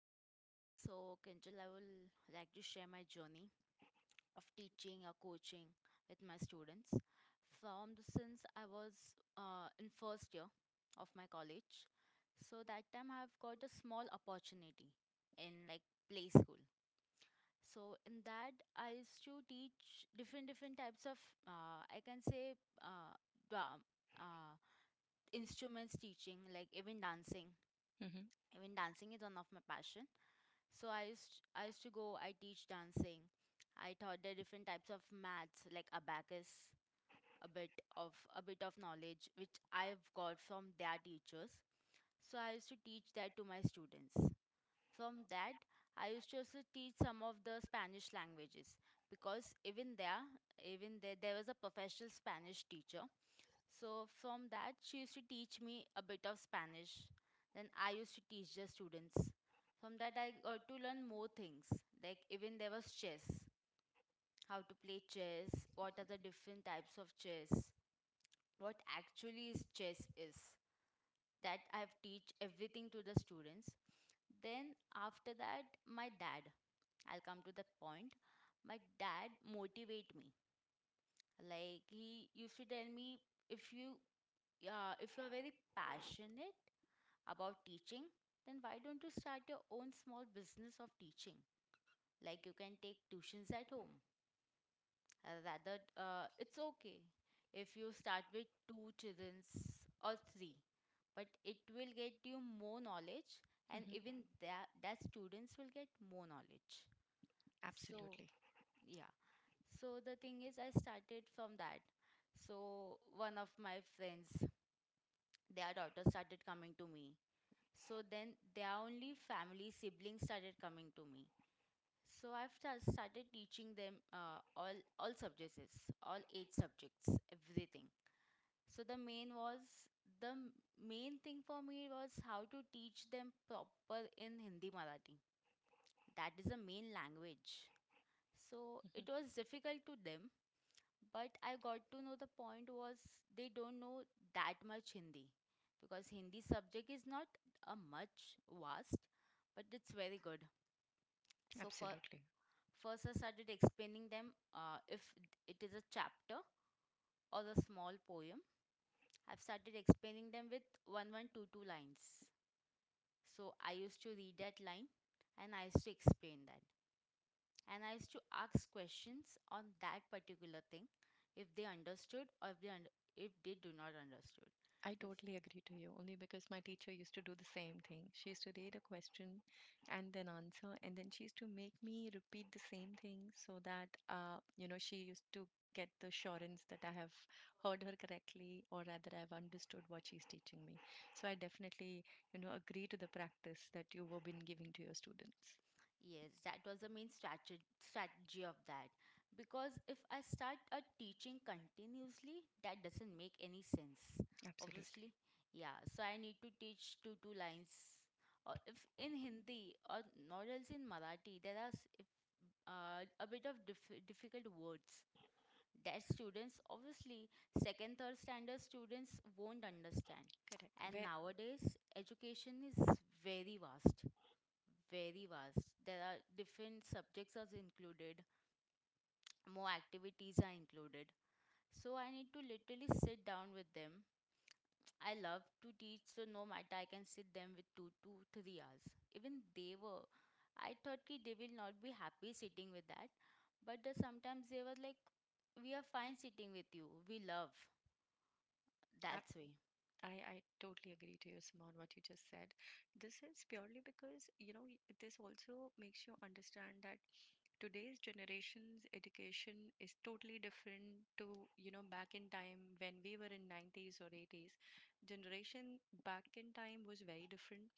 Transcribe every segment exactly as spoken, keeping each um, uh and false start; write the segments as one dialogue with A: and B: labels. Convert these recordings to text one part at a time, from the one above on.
A: Okay, so Kinjal, I will like to share my journey of teaching or coaching with my students. From the since I was uh, in first year of my college, so that time I've got a small opportunity in like play school. So in that, I used to teach different different types of uh, I can say, uh, dra- uh, instruments teaching, like even dancing.
B: Mhm,
A: Even dancing is one of my passion, so I used I used to go. I teach dancing. I taught the different types of maths like abacus, a bit of a bit of knowledge which I've got from their teachers. So I used to teach that to my students. From that, I used to also teach some of the Spanish languages because even there, even there, there was a professional Spanish teacher, so from that, she used to teach me a bit of Spanish. Then I used to teach the students. From that, I got to learn more things. Like even there was chess, how to play chess, what are the different types of chess, what actually is chess is. That I've teach everything to the students. Then after that, my dad. I'll come to that point. My dad motivate me. Like he used to tell me, if you, uh, if you are very passionate about teaching, then why don't you start your own small business of teaching? Like you can take tuitions at home. Uh, Rather, uh, it's okay if you start with two childrens or three, but it will get you more knowledge, and
B: mhm.
A: even that that students will get more knowledge. So
B: Absolutely.
A: yeah. So the thing is, I started from that. So one of my friends, their daughter started coming to me. So then their only family siblings started coming to me. So I've sta- started teaching them uh, all all subjects, all eight subjects, everything. So the main was the m- main thing for me was how to teach them proper in Hindi Marathi. That is the main language. So
B: Mhm.
A: it was difficult to them, but I got to know the point was they don't know that much Hindi because Hindi subject is not a much vast, but it's very good. So for,
B: Absolutely.
A: first I started explaining them uh, if it is a chapter or a small poem. I've started explaining them with one one two two lines. So I used to read that line and I used to explain that, and I used to ask questions on that particular thing if they understood or if they under, if they do not understood.
B: I
A: If
B: totally agree to you, only because my teacher used to do the same thing. She used to read a question and then answer, and then she used to make me repeat the same thing so that, uh, you know, she used to get the assurance that I have heard her correctly, or rather I've understood what she's teaching me. So I definitely, you know, agree to the practice that you have been giving to your students.
A: yes, that was the main strategy strategy of that because if I start a teaching continuously, that doesn't make any sense.
B: Absolutely.
A: Obviously, yeah. So I need to teach two two lines. Or if in Hindi or not else in Marathi, there are s- if, uh, a bit of diff- difficult words that students obviously second third standard students won't understand,
B: Correct.
A: and
B: Where,
A: nowadays education is very vast, very vast there are different subjects are included, more activities are included, so I need to literally sit down with them. I love to teach, so no matter, I can sit them with two two three hours. Even they were, I thought ki they will not be happy sitting with that, but the, sometimes they were like, we are fine sitting with you, we love.
B: ab-
A: That's way.
B: I, I totally agree to you, Simon, what you just said. This is purely because, you know, this also makes you understand that today's generation's education is totally different to, you know, back in time when we were in nineties or eighties. Generation back in time was very different.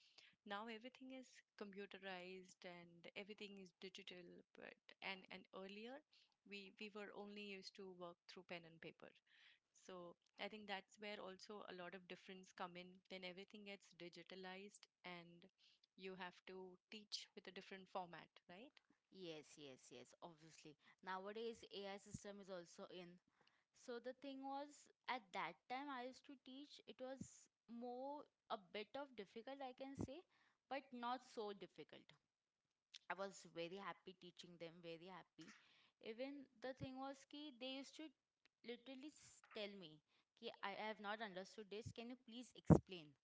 B: Now everything is computerized and everything is digital, but and and earlier we we were only used to work through pen and paper. So I think that's where also a lot of difference come in. Then everything gets digitalized and you have to teach with a different format, right?
A: Yes, yes, yes, obviously. Nowadays, A I system is also in. So the thing was, at that time I used to teach, it was more a bit of difficult, I can say, but not so difficult. I was very happy teaching them, very happy. Even the thing was ki they used to literally s- tell me, ki I I have not understood this, can you please explain?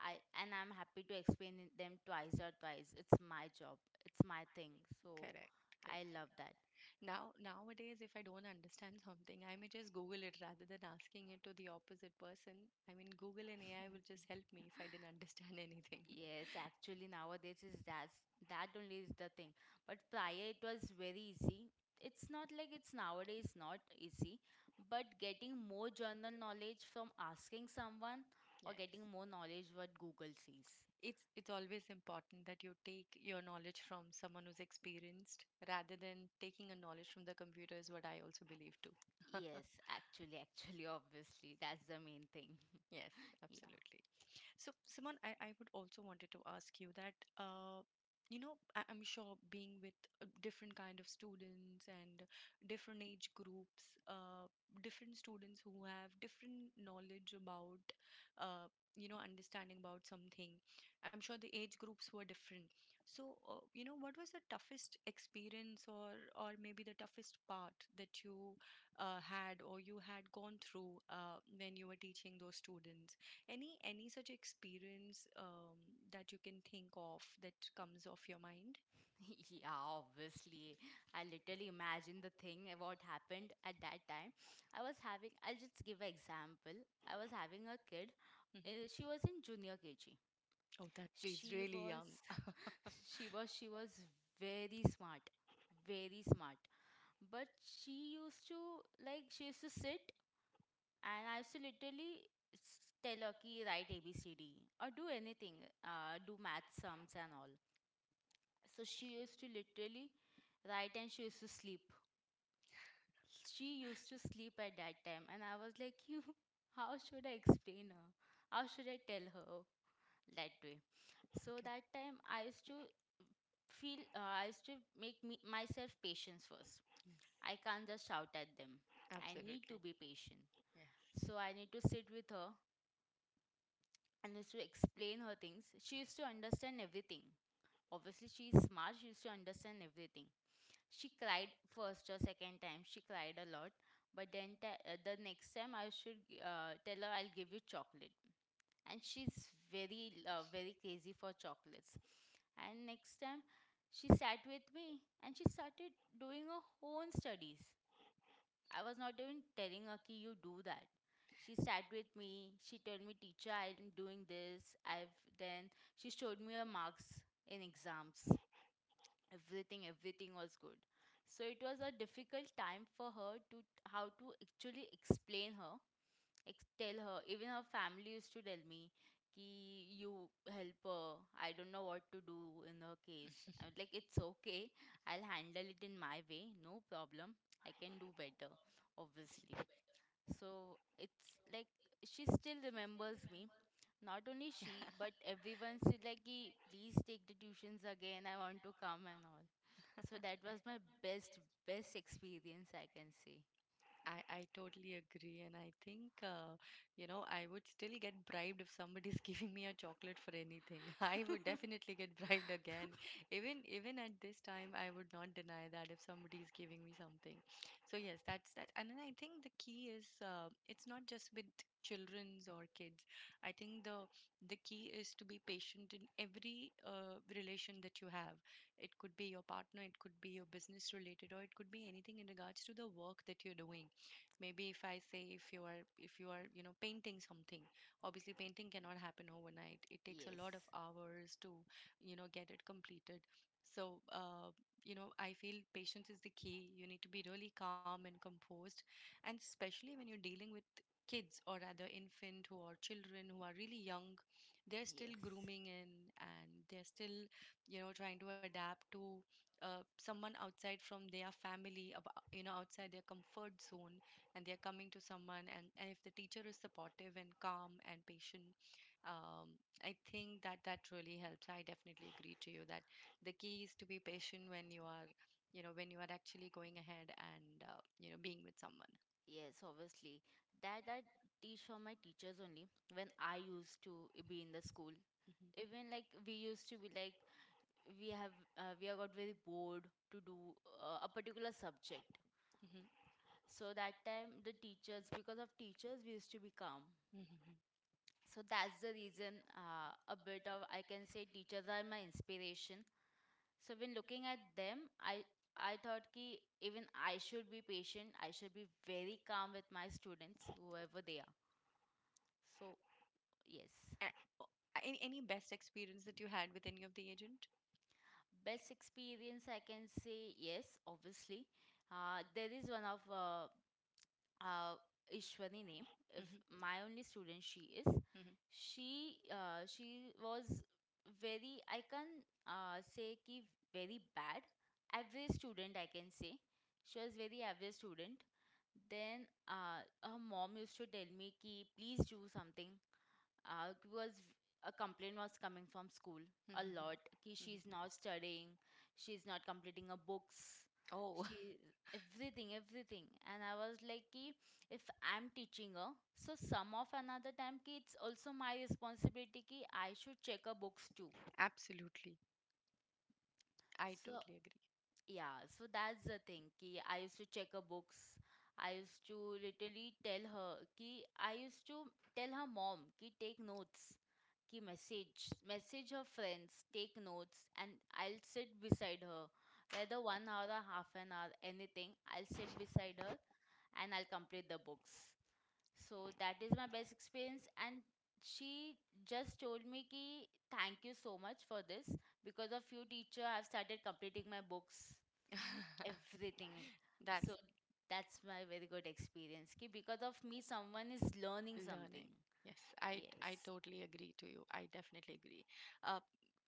A: I and I'm happy to explain it- them twice or twice. It's my job. It's my thing. So
B: Correct. Correct.
A: I love that.
B: Now nowadays if I don't understand something, I may just Google it rather than asking it to the opposite person. I mean Google and A I will just help me if I didn't understand anything.
A: Yes, actually nowadays is that's that only is the thing. But prior it was very easy. It's not like it's nowadays not easy, but getting more general knowledge from asking someone, or getting
B: Yes.
A: more knowledge what Google sees.
B: it's it's always important that you take your knowledge from someone who's experienced rather than taking a knowledge from the computer is what I also believe too.
A: Yes, actually, actually, obviously, that's the main thing.
B: Yes,
A: Yeah.
B: absolutely. So, Simon, I, I would also wanted to ask you that, uh, you know, I, I'm sure being with uh, different kind of students and different age groups, uh, different students who have different knowledge about, uh, you know, understanding about something. I'm sure the age groups were different. So, uh, you know, what was the toughest experience, or or maybe the toughest part that you uh, had, or you had gone through uh, when you were teaching those students? Any any such experience um, that you can think of that comes off your mind?
A: Yeah, obviously. I literally imagine the thing uh, what happened at that time. I was having, I'll just give an example. I was having a kid.
B: Hmm.
A: Uh, She was in junior K G.
B: Oh, that is
A: She
B: really young.
A: was, she was, she was very smart, very smart. But she used to, like, she used to sit, and I used to literally s- tell her ki write A B C D or do anything, uh, do math sums and all. So she used to literally write and she used to sleep she used to sleep at that time, and I was like, you, how should I explain her, how should I tell her that way. So
B: Okay.
A: that time I used to feel, uh, I used to make me myself patience first.
B: Yes,
A: I can't just shout at them. I need to
B: absolutely.
A: be patient,
B: Yes.
A: so I need to sit with her, and used to explain her things. She used to understand everything. Obviously she is smart, she used to understand everything. She cried first or second time. She cried a lot. But then ta- uh, the next time I should uh, tell her, I'll give you chocolate. And she's very, uh, very crazy for chocolates. And next time she sat with me and she started doing her own studies. I was not even telling her, Ki, you do that. She sat with me. She told me, teacher, I'm doing this. I've then she showed me her marks in exams. Everything, everything was good. So it was a difficult time for her to how to actually explain her, ex- tell her. Even her family used to tell me ki, you help her, I don't know what to do. In her case I was like, it's okay, I'll handle it in my way, no problem, I can do better, obviously. So it's like she still remembers me, not only she but everyone said like, "Ki, please take the tuitions again, I want to come and all." So that was my best, best experience, I can say.
B: I, I totally agree. And I think, uh, you know, I would still get bribed if somebody's giving me a chocolate for anything. I would definitely get bribed again. Even even at this time, I would not deny that if somebody is giving me something. So yes, that's that. And then I think the key is, uh, it's not just with children's or kids. I think the the key is to be patient in every uh, relation that you have. It could be your partner, it could be your business related, or it could be anything in regards to the work that you're doing. Maybe if I say, if you are if you are you know, painting something, obviously painting cannot happen overnight. It takes a lot of
A: Yes,
B: hours to, you know, get it completed. So, uh, you know, I feel patience is the key. You need to be really calm and composed, and especially when you're dealing with kids, or rather infant, who are children who are really young. They're still
A: yes,
B: grooming in, and they're still, you know, trying to adapt to uh, someone outside from their family, ab- you know, outside their comfort zone. And they're coming to someone, and, and if the teacher is supportive and calm and patient, um, I think that that really helps. I definitely agree to you that the key is to be patient when you are, you know, when you are actually going ahead and, uh, you know, being with someone.
A: yes, obviously. That I teach from my teachers only when I used to be in the school.
B: Hmm,
A: Even like we used to be like, we have, uh, we have got very bored to do uh, a particular subject.
B: hmm,
A: So that time, the teachers, because of teachers, we used to be calm.
B: hmm.
A: So that's the reason, uh, a bit of, I can say, teachers are my inspiration. So when looking at them, I I thought ki even I should be patient. I should be very calm with my students, whoever they are. So yes,
B: A- o- any, any best experience that you had with any of the agent?
A: best experience I can say, yes. Obviously, uh, there is one of uh, uh, Ishwani name.
B: Hmm,
A: If my only student, she is.
B: hmm,
A: She uh, she was very. I can uh, say ki very bad. Average student, I can say. She was very average student. Then uh, her mom used to tell me ki please do something. Uh, it was a complaint was coming from school
B: hmm,
A: a lot, ki
B: hmm.
A: she's not studying, she's not completing her books,
B: Oh.
A: she everything, everything. And I was like ki, if I'm teaching her, so some of another time ki it's also my responsibility ki I should check her books too.
B: Absolutely, I
A: So
B: totally agree.
A: yeah, so that's the thing. Ki I used to check her books. I used to literally tell her ki, I used to tell her mom ki take notes, ki message, message her friends, take notes, and I'll sit beside her. Whether one hour or half an hour, anything, I'll sit beside her, and I'll complete the books. So that is my best experience. And she just told me ki thank you so much for this. Because of you, teacher, I've started completing my books, everything.
B: That's
A: So that's my very good experience. Ki because of me, someone is learning
B: learning.
A: something.
B: Yes, i i
A: Yes.
B: totally agree to you, I definitely agree. uh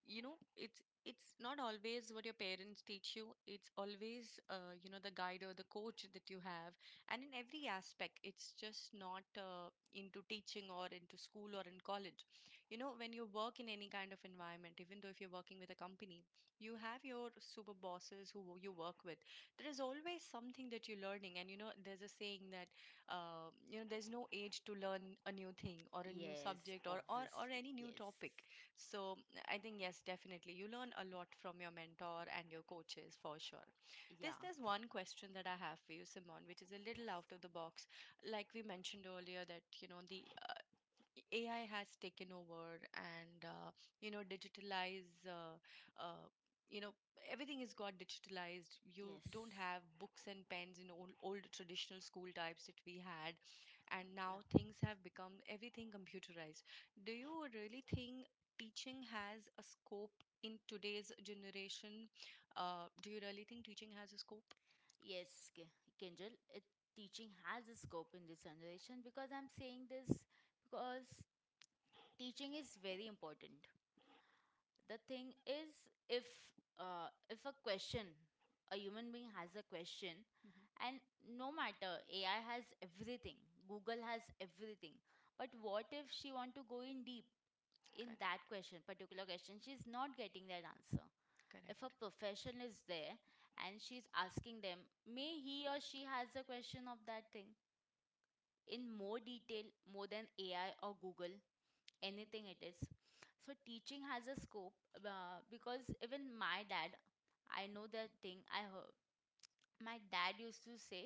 B: you know, it's it's not always what your parents teach you, it's always, uh, you know, the guide or the coach that you have. And in every aspect, it's just not uh, into teaching or into school or in college. You know, when you work in any kind of environment, even though if you're working with a company, you have your super bosses who you work with. There is always something that you're learning, and you know there's a saying that, uh, you know, there's no age to learn a new thing or a new
A: Yes.
B: subject, or, or or
A: Obviously.
B: any new
A: Yes.
B: topic. So I think, yes, definitely you learn a lot from your mentor and your coaches, for sure. there's
A: Yeah.
B: there's one question that I have for you, Simon, which is a little
A: Yes.
B: out of the box. Like we mentioned earlier that, you know, the uh, A I has taken over, and, uh, you know, digitalize, uh, uh, you know, everything has got digitalized. You don't
A: Yes.
B: have books and pens in old, old traditional school types that we had, and
A: Yeah.
B: now things have become everything computerized. Do you really think teaching has a scope in today's generation? Uh, do you really think teaching has a scope?
A: Yes, K- Kinjal, it, teaching has a scope in this generation because I'm saying this because teaching is very important. The thing is, if uh, if a question, a human being has a question,
B: Mhm.
A: and no matter A I has everything, Google has everything, but what if she want to go in deep, in that
B: Correct,
A: question particular question, she's not getting that answer. If a
B: correct.
A: profession is there, and she's asking them, may he or she has a question of that thing in more detail, more than A I or Google, anything it is. So teaching has a scope, uh, because even my dad, I know that thing. I heard my dad used to say,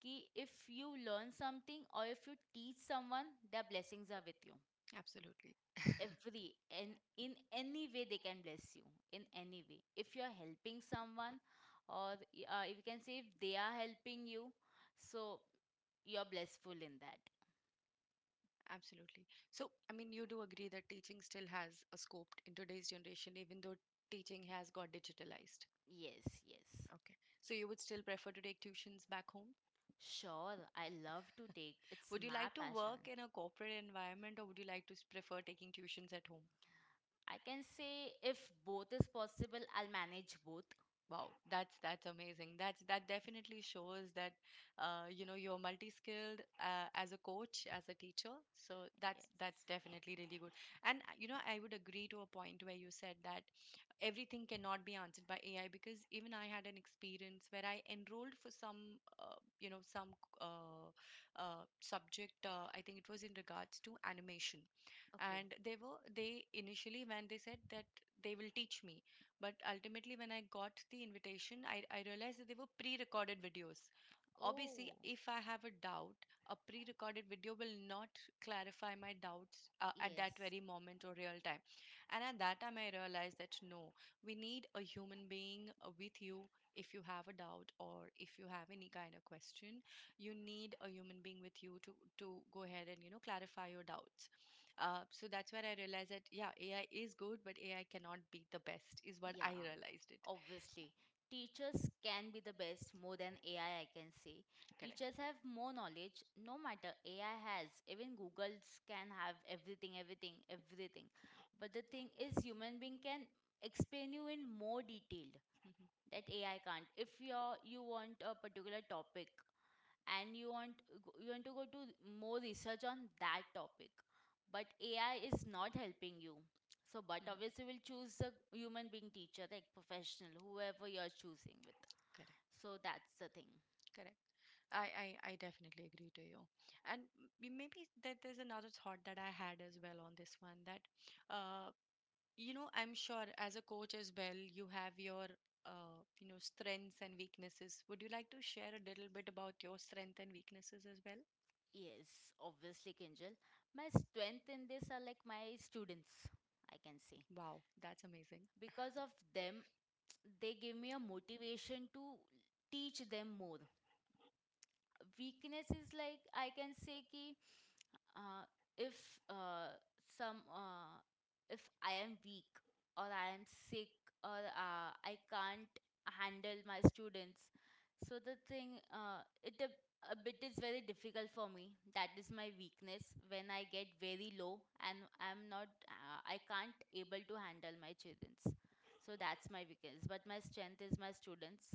A: "Ki if you learn something or if you teach someone, their blessings are with you."
B: Absolutely.
A: Every and in any way they can bless you in any way. If you are helping someone, or uh, if you can say if they are helping you, so you're blissful in that.
B: Absolutely. So, I mean, you do agree that teaching still has a scope in today's generation, even though teaching has got digitalized.
A: Yes, yes.
B: Okay. So, you would still prefer to take tuitions back home?
A: Sure, I love to take. It's
B: Would you
A: my
B: like to work
A: passion.
B: in a corporate environment, or would you like to s- prefer taking tuitions at home?
A: I can say if both is possible, I'll manage both.
B: Wow, that's that's amazing. That's that definitely shows that, uh, you know, you're multi-skilled, uh, as a coach, as a teacher. So that's that's
A: Yes.
B: definitely really good. And, uh, you know, I would agree to a point where you said that everything cannot be answered by A I, because even I had an experience where I enrolled for some, uh, you know, some uh, uh, subject. Uh, I think it was in regards to animation,
A: Okay.
B: and they were they initially when they said that they will teach me. But ultimately, when I got the invitation, I, I realized that they were pre recorded videos. Obviously,
A: Oh,
B: if I have a doubt, a pre recorded video will not clarify my doubts uh, at that
A: yes.
B: very moment or real time. And at that time, I realized that no, we need a human being uh, with you if you have a doubt or if you have any kind of question. You need a human being with you to, to go ahead and, you know, clarify your doubts. Uh, so that's where I realized that yeah, A I is good, but A I cannot be the best. Is what
A: Yeah,
B: I realized it.
A: obviously. Teachers can be the best more than A I, I I can say.
B: Correct.
A: Teachers have more knowledge, no matter A I has. Even Googles can have everything, everything, everything. But the thing is, human being can explain you in more detail
B: Mhm, mhm.
A: that A I can't. If you're, You want a particular topic, and you want you want to go to more research on that topic, but AI is not helping you. So but obviously we'll choose a human being teacher, like professional, whoever you're choosing with.
B: Correct.
A: So that's the thing.
B: Correct. I, I, I definitely agree to you. And m- maybe that there's another thought that I had as well on this one, that, uh, you know, I'm sure as a coach as well, you have your, uh, you know, strengths and weaknesses. Would you like to share a little bit about your strength and weaknesses as well?
A: Yes, obviously, Kinjal. My strength in this are like my students, I can say.
B: Wow, that's amazing.
A: Because of them they give me a motivation to teach them more. Weakness is like I can say ki, uh, if uh, some uh, if I am weak or I am sick, or uh, I can't handle my students. So the thing, uh, it a, a bit is very difficult for me. That is my weakness, when I get very low and I'm not uh, I can't able to handle my childrens. So that's my weakness. But my strength is my students.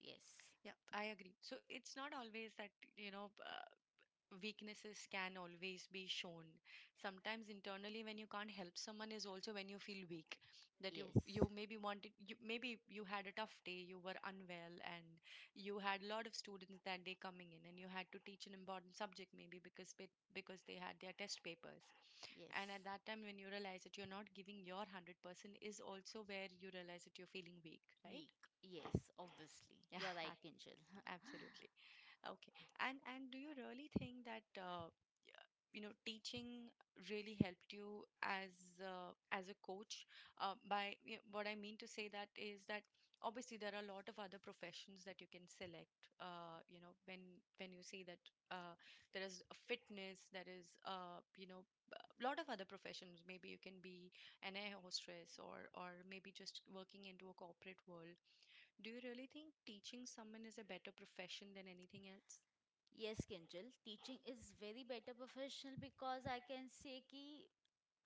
A: Yes.
B: Yeah, I agree. So it's not always that, you know, uh, weaknesses can always be shown. Sometimes internally when you can't help someone is also when you feel weak, that you
A: Yes.
B: you maybe wanted, you maybe you had a tough day, you were unwell, and you had a lot of students that day coming in, and you had to teach an important subject maybe because pe- because they had their test papers. And at
A: Yes.
B: that time when you realize that you're not giving your hundred percent is also where you realize that you're feeling weak, right?
A: Weak. Yes, obviously.
B: Yeah,
A: You're right, Kinjal.
B: absolutely. Okay. And and do you really think that, uh, you know, teaching really helped you as, uh, as a coach? Uh, by, you know, what I mean to say that is that obviously there are a lot of other professions that you can select. Uh, you know, when when you say that, uh, there is a fitness, there is, uh, you know, a lot of other professions. Maybe you can be an air hostess, or or maybe just working into a corporate world. Do you really think teaching someone is a better profession than anything else?
A: Yes, Kinjal. Teaching is very better professional because I can say ki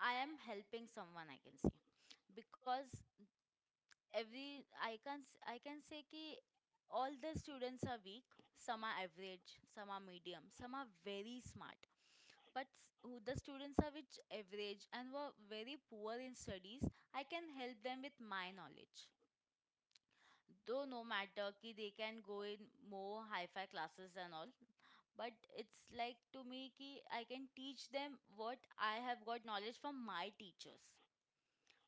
A: I am helping someone. I can say because every I can s- I can say ki all the students are weak. Some are average. Some are medium. Some are very smart. But s- who the students are which average and were very poor in studies, I can help them with my knowledge. Though no matter ki they can go in more hi-fi classes and all, but it's like to me ki I can teach them what I have got knowledge from my teachers.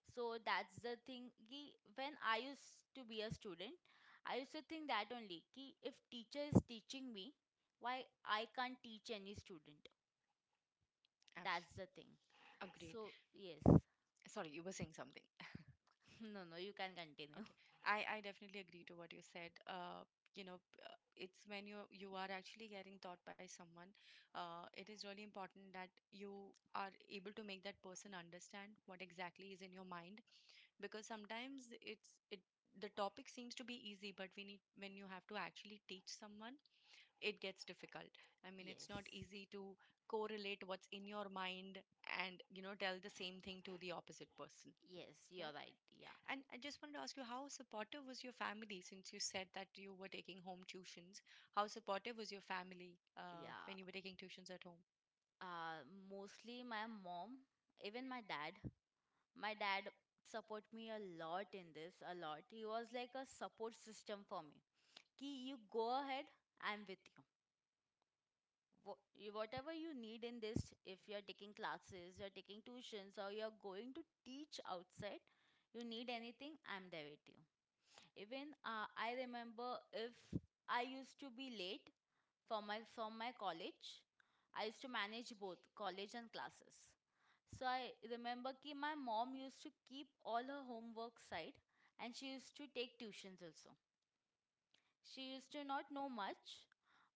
A: So that's the thing ki when I used to be a student, I used to think that only ki, if teacher is teaching me, why I can't teach any student.
B: Abs-
A: That's the thing.
B: Agreed.
A: So yes.
B: Sorry, you were saying something.
A: No, no, you can continue.
B: Okay, I, I definitely agree to what you said. Uh, you know, p- uh, it's when you you are actually getting taught by someone, uh, it is really important that you are able to make that person understand what exactly is in your mind because sometimes it's it the topic seems to be easy, but we need when you have to actually teach someone, it gets difficult. I mean, it's not
A: Yes,
B: easy to correlate what's in your mind and you know tell the same thing to the opposite person.
A: yes,
B: Yeah.
A: you're right. Yeah.
B: And I just wanted to ask you, how supportive was your family? Since you said that you were taking home tuitions, how supportive was your family uh,
A: Yeah.
B: when you were taking tuitions at home?
A: Uh, mostly my mom, even my dad. My dad support me a lot in this, a lot. He was like a support system for me. Ki you go ahead, I'm with you. Wha- you- whatever you need in this. If you're taking classes, you're taking tuitions, or you're going to teach outside, you need anything, I'm there with you. Even uh, I remember, if I used to be late for my from my college, I used to manage both college and classes. So I remember ki my mom used to keep all her homework side, and she used to take tuitions also. She used to not know much,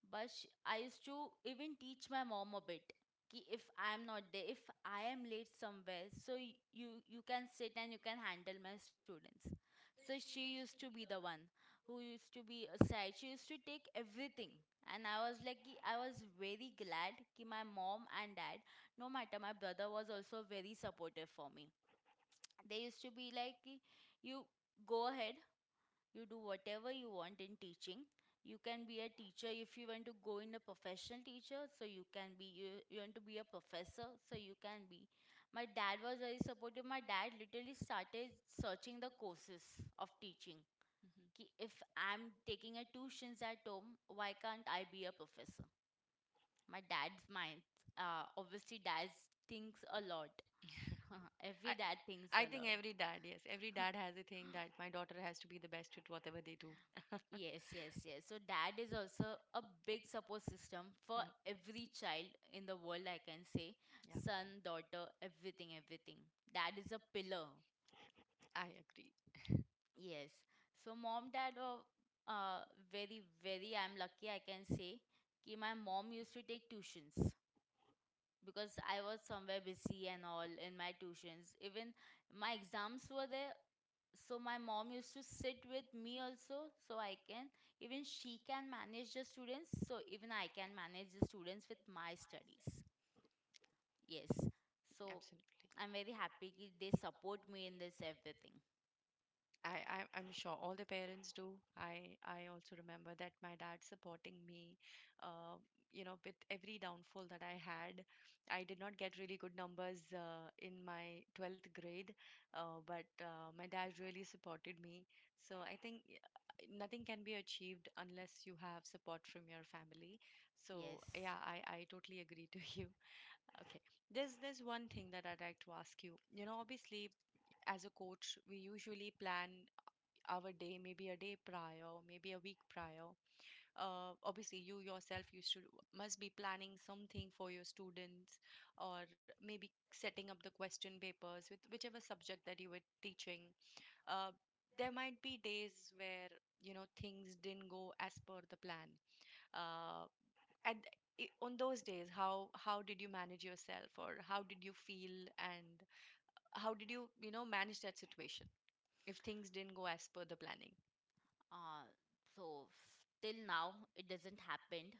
A: but sh I used to even teach my mom a bit. Ki if I am not there, if I am late somewhere, so y- you you can sit and you can handle my students. So she used to be the one who used to be aside. She used to take everything. And I was like, ki- I was very glad that my mom and dad, no matter my brother was also very supportive for me. They used to be like, ki, you go ahead, you do whatever you want in teaching. You can be a teacher, if you want to go in a professional teacher, so you can be. you, you want to be a professor, so you can be. My dad was very supportive. My dad literally started searching the courses of teaching.
B: Hmm.
A: Ki if I'm taking a tuitions at home, why can't I be a professor? My dad's mind, uh, obviously dad thinks a lot. Every
B: I,
A: dad thinks
B: I
A: a
B: think
A: lot.
B: every dad, yes, every dad has a thing that my daughter has to be the best at whatever they do.
A: Yes, yes, yes. So dad is also a big support system for
B: Yeah.
A: every child in the world, I can say.
B: Yeah,
A: Son, daughter, everything, everything. Dad is a pillar.
B: I agree.
A: Yes. So mom, dad were uh, very, very, I'm lucky, I can say, कि my mom used to take tuitions because I was somewhere busy and all in my tuitions. Even my exams were there, so my mom used to sit with me also, so I can, even she can manage the students, so even I can manage the students with my studies. Yes. So
B: Absolutely.
A: I'm very happy ki they support me in this, everything.
B: I, I I'm sure all the parents do. I I also remember that my dad supporting me, uh, you know, with every downfall that I had. I did not get really good numbers uh, in my twelfth grade, uh, but uh, my dad really supported me. So I think y- uh, nothing can be achieved unless you have support from your family. So
A: Yes.
B: yeah, I I totally agree to you. Okay. There's there's one thing that I'd like to ask you. You know, obviously, as a coach, we usually plan our day, maybe a day prior, maybe a week prior. Uh, obviously, you yourself used to must be planning something for your students, or maybe setting up the question papers with whichever subject that you were teaching. Uh, there might be days where you know things didn't go as per the plan. Uh, and i- on those days, how how did you manage yourself, or how did you feel, and how did you you know manage that situation? If things didn't go as per the planning.
A: uh, so f- till now it doesn't happened.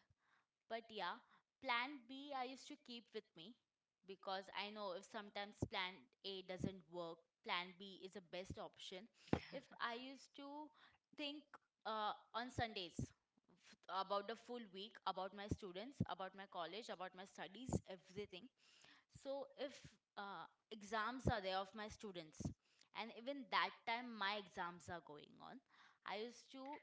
A: But yeah, plan B I used to keep with me, because I know if sometimes plan A doesn't work, plan B is the best option. If I used to think uh, on Sundays, f- about the full week, about my students, about my college, about my studies, everything. So if uh, exams are there of my students, and even that time my exams are going on, I used to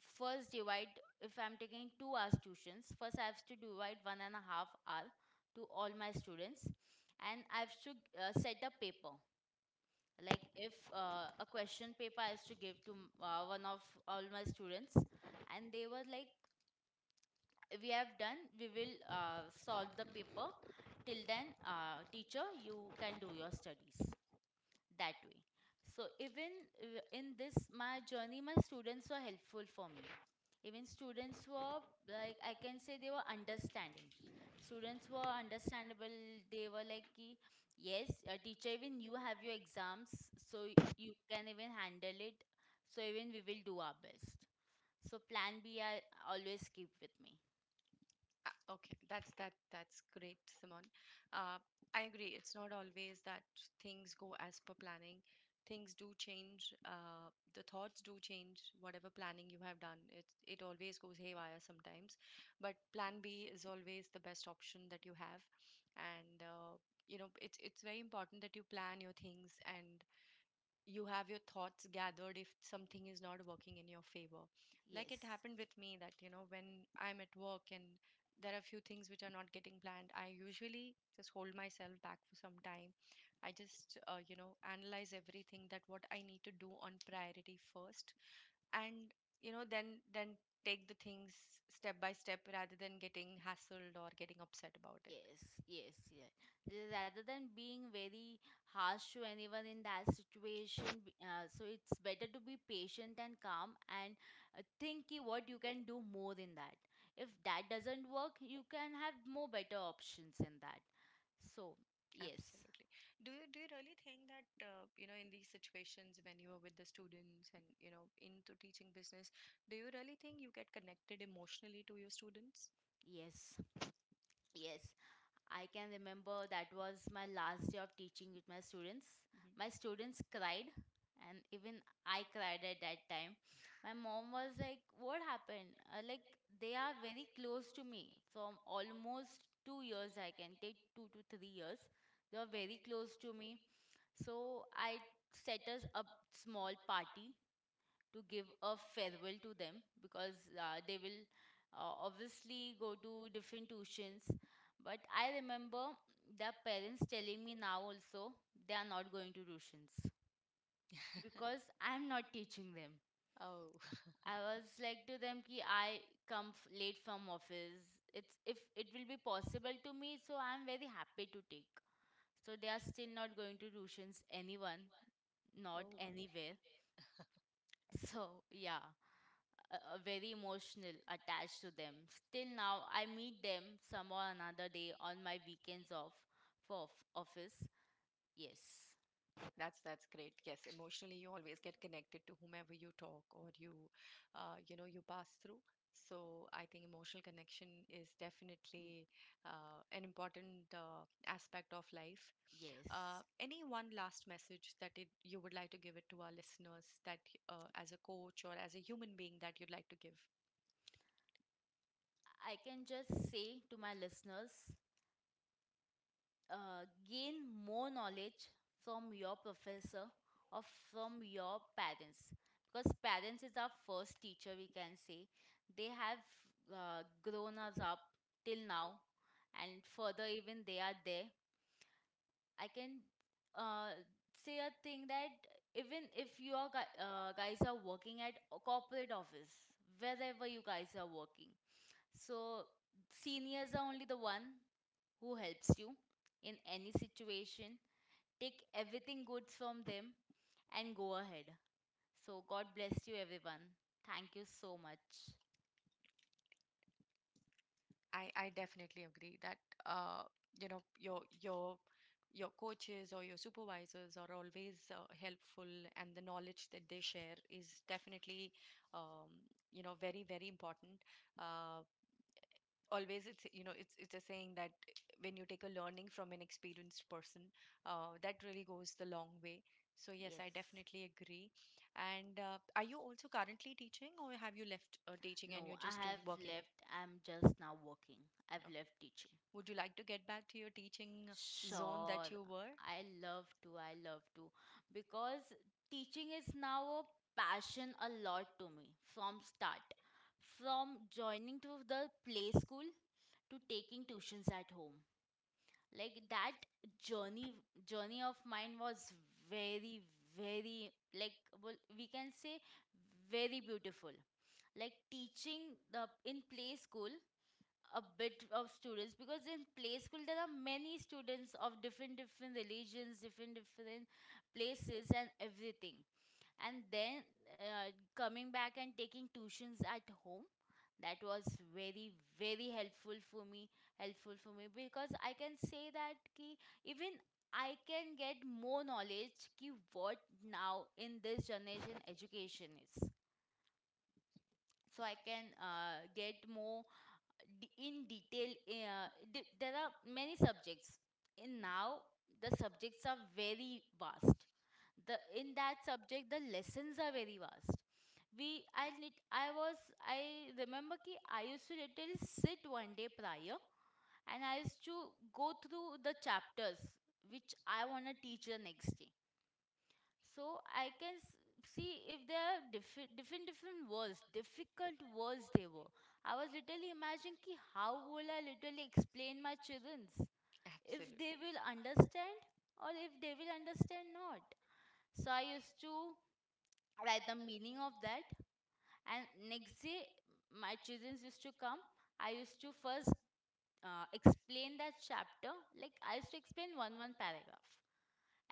A: first divide, if I'm taking two hours tuitions, first I have to divide one and a half hour to all my students, and I have to uh, set the paper. Like if uh, a question paper I have to give to m- uh, one of all my students, and they were like, we have done, we will uh, solve the paper, till then uh, teacher you can do your studies. That way. So even uh, in this my journey, my students were helpful for me. Even students were like I can say they were understanding. Students were understandable. They were like, ki, yes, uh, teacher, even you have your exams, so y- you can even handle it. So even we will do our best. So plan B I always keep with me.
B: Ah, okay, that's that that's great, Simon. uh, I agree, it's not always that things go as per planning. Things do change, uh, the thoughts do change. Whatever planning you have done, it it always goes haywire sometimes, but plan B is always the best option that you have. And uh, you know, it's it's very important that you plan your things and you have your thoughts gathered if something is not working in your favor. Like, it
A: Yes.
B: happened with me that, you know, when I'm at work and there are few things which are not getting planned, I usually just hold myself back for some time. I just uh, you know, analyze everything, that what I need to do on priority first, and you know, then then take the things step by step rather than getting hassled or getting upset about it.
A: Yes, yes, yeah. Th- Rather than being very harsh to anyone in that situation, b- uh, so it's better to be patient and calm and uh, think ki what you can do more in that. If that doesn't work, you can have more better options in that. So, yes,
B: Absolutely. Do you do you really think that uh, you know, in these situations when you are with the students and you know into teaching business, do you really think you get connected emotionally to your students?
A: yes, yes. I can remember that was my last day of teaching with my students. My
B: Hmm.
A: students cried, and even I cried at that time. My mom was like, "What happened?" Uh, like, they are very close to me from almost two years, I can take two to three years. They are very close to me. So, I set us up small party to give a farewell to them, because uh, they will uh, obviously go to different tuitions. But I remember the parents telling me now also they are not going to tuitions because I'm not teaching them.
B: Oh.
A: I was like to them ki I come f- late from office. It's if it will be possible to me, so I'm very happy to take. So they are still not going to tuitions anyone,
B: Oh.
A: not anywhere. So yeah. Uh, uh, very emotional attached to them. Still now, I meet them some or another day on my weekends off for of- office. Yes.
B: That's that's great. Yes, emotionally you always get connected to whomever you talk or you, uh, you know, you pass through. So I think emotional connection is
A: Mm,
B: definitely uh, an important uh, aspect of life.
A: yes.
B: Uh, any one last message that it, you would like to give it to our listeners that uh, as a coach or as a human being that you'd like to give?
A: I can just say to my listeners, uh, gain more knowledge from your professor or from your parents, because parents is our first teacher we can say. They have uh, grown us up till now, and further even they are there. I can uh, say a thing that, even if you are gu- uh, guys are working at a corporate office, wherever you guys are working, so seniors are only the one who helps you in any situation. Take everything good from them and go ahead. So God bless you, everyone. Thank you so much.
B: I I definitely agree that uh, you know, your your your coaches or your supervisors are always uh, helpful, and the knowledge that they share is definitely um, you know, very very important. Uh, always, it's you know, it's it's a saying that when you take a learning from an experienced person, uh, that really goes the long way. So yes, I
A: Yes.
B: definitely agree. And uh, are you also currently teaching, or have you left uh, teaching and
A: No,
B: you're
A: I
B: just do-
A: have
B: working?
A: left. I'm just now working. I've
B: No.
A: left teaching.
B: Would you like to get back to your teaching zone that
A: Sure,
B: you were?
A: I love to. I love to, because teaching is now a passion a lot to me from start, from joining to the play school, to taking tuitions at home. Like that journey, journey of mine was very, very, like, well, we can say, very beautiful. Like teaching the in play school, a bit of students, because in play school there are many students of different different religions, different different places and everything. And then uh, coming back and taking tuitions at home, that was very very helpful for me, helpful for me because I can say that ki, even I can get more knowledge ki what now in this generation education is. So I can uh, get more d- in detail. Uh, d- there are many subjects in now. The subjects are very vast. The in that subject, the lessons are very vast. We i need i was I remember ki I used to literally sit one day prior, and I used to go through the chapters which I want to teach the next day. So I can s- see if there are diffi- different different words, difficult words they were. I was literally imagining ki how will I literally explain my children's if
B: Absolutely.
A: they will understand or if they will understand not. So I used to write the meaning of that, and next day my children used to come. I used to first uh, explain that chapter. Like I used to explain one one paragraph,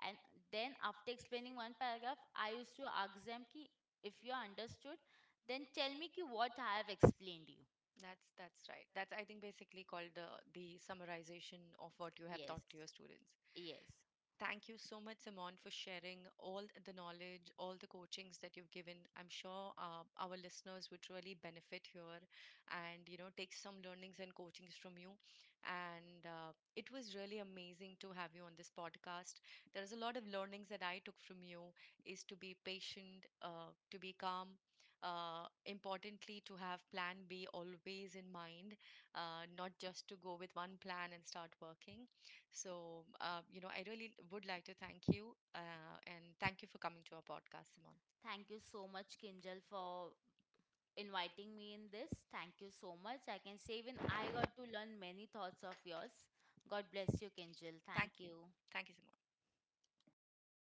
A: and then after explaining one paragraph, I used to ask them ki, if you understood, then tell me ki what I have explained you.
B: That's that's right. That's, I think, basically called the the summarization of what you have
A: Yes,
B: taught to your students.
A: yes.
B: Thank you so much, Simon, for sharing all the knowledge, all the coachings that you've given. I'm sure uh, our listeners would really benefit here and, you know, take some learnings and coachings from you. And uh, it was really amazing to have you on this podcast. There's a lot of learnings that I took from you is to be patient, uh, to be calm, uh, importantly, to have plan B always in mind, uh, not just to go with one plan and start working. So, uh, you know, I really would like to thank you uh, and thank you for coming to our podcast, Simon.
A: Thank you so much, Kinjal, for inviting me in this. Thank you so much. I can say even I got to learn many thoughts of yours. God bless you, Kinjal.
B: Thank
A: Thank
B: you.
A: you.
B: Thank you, Simon.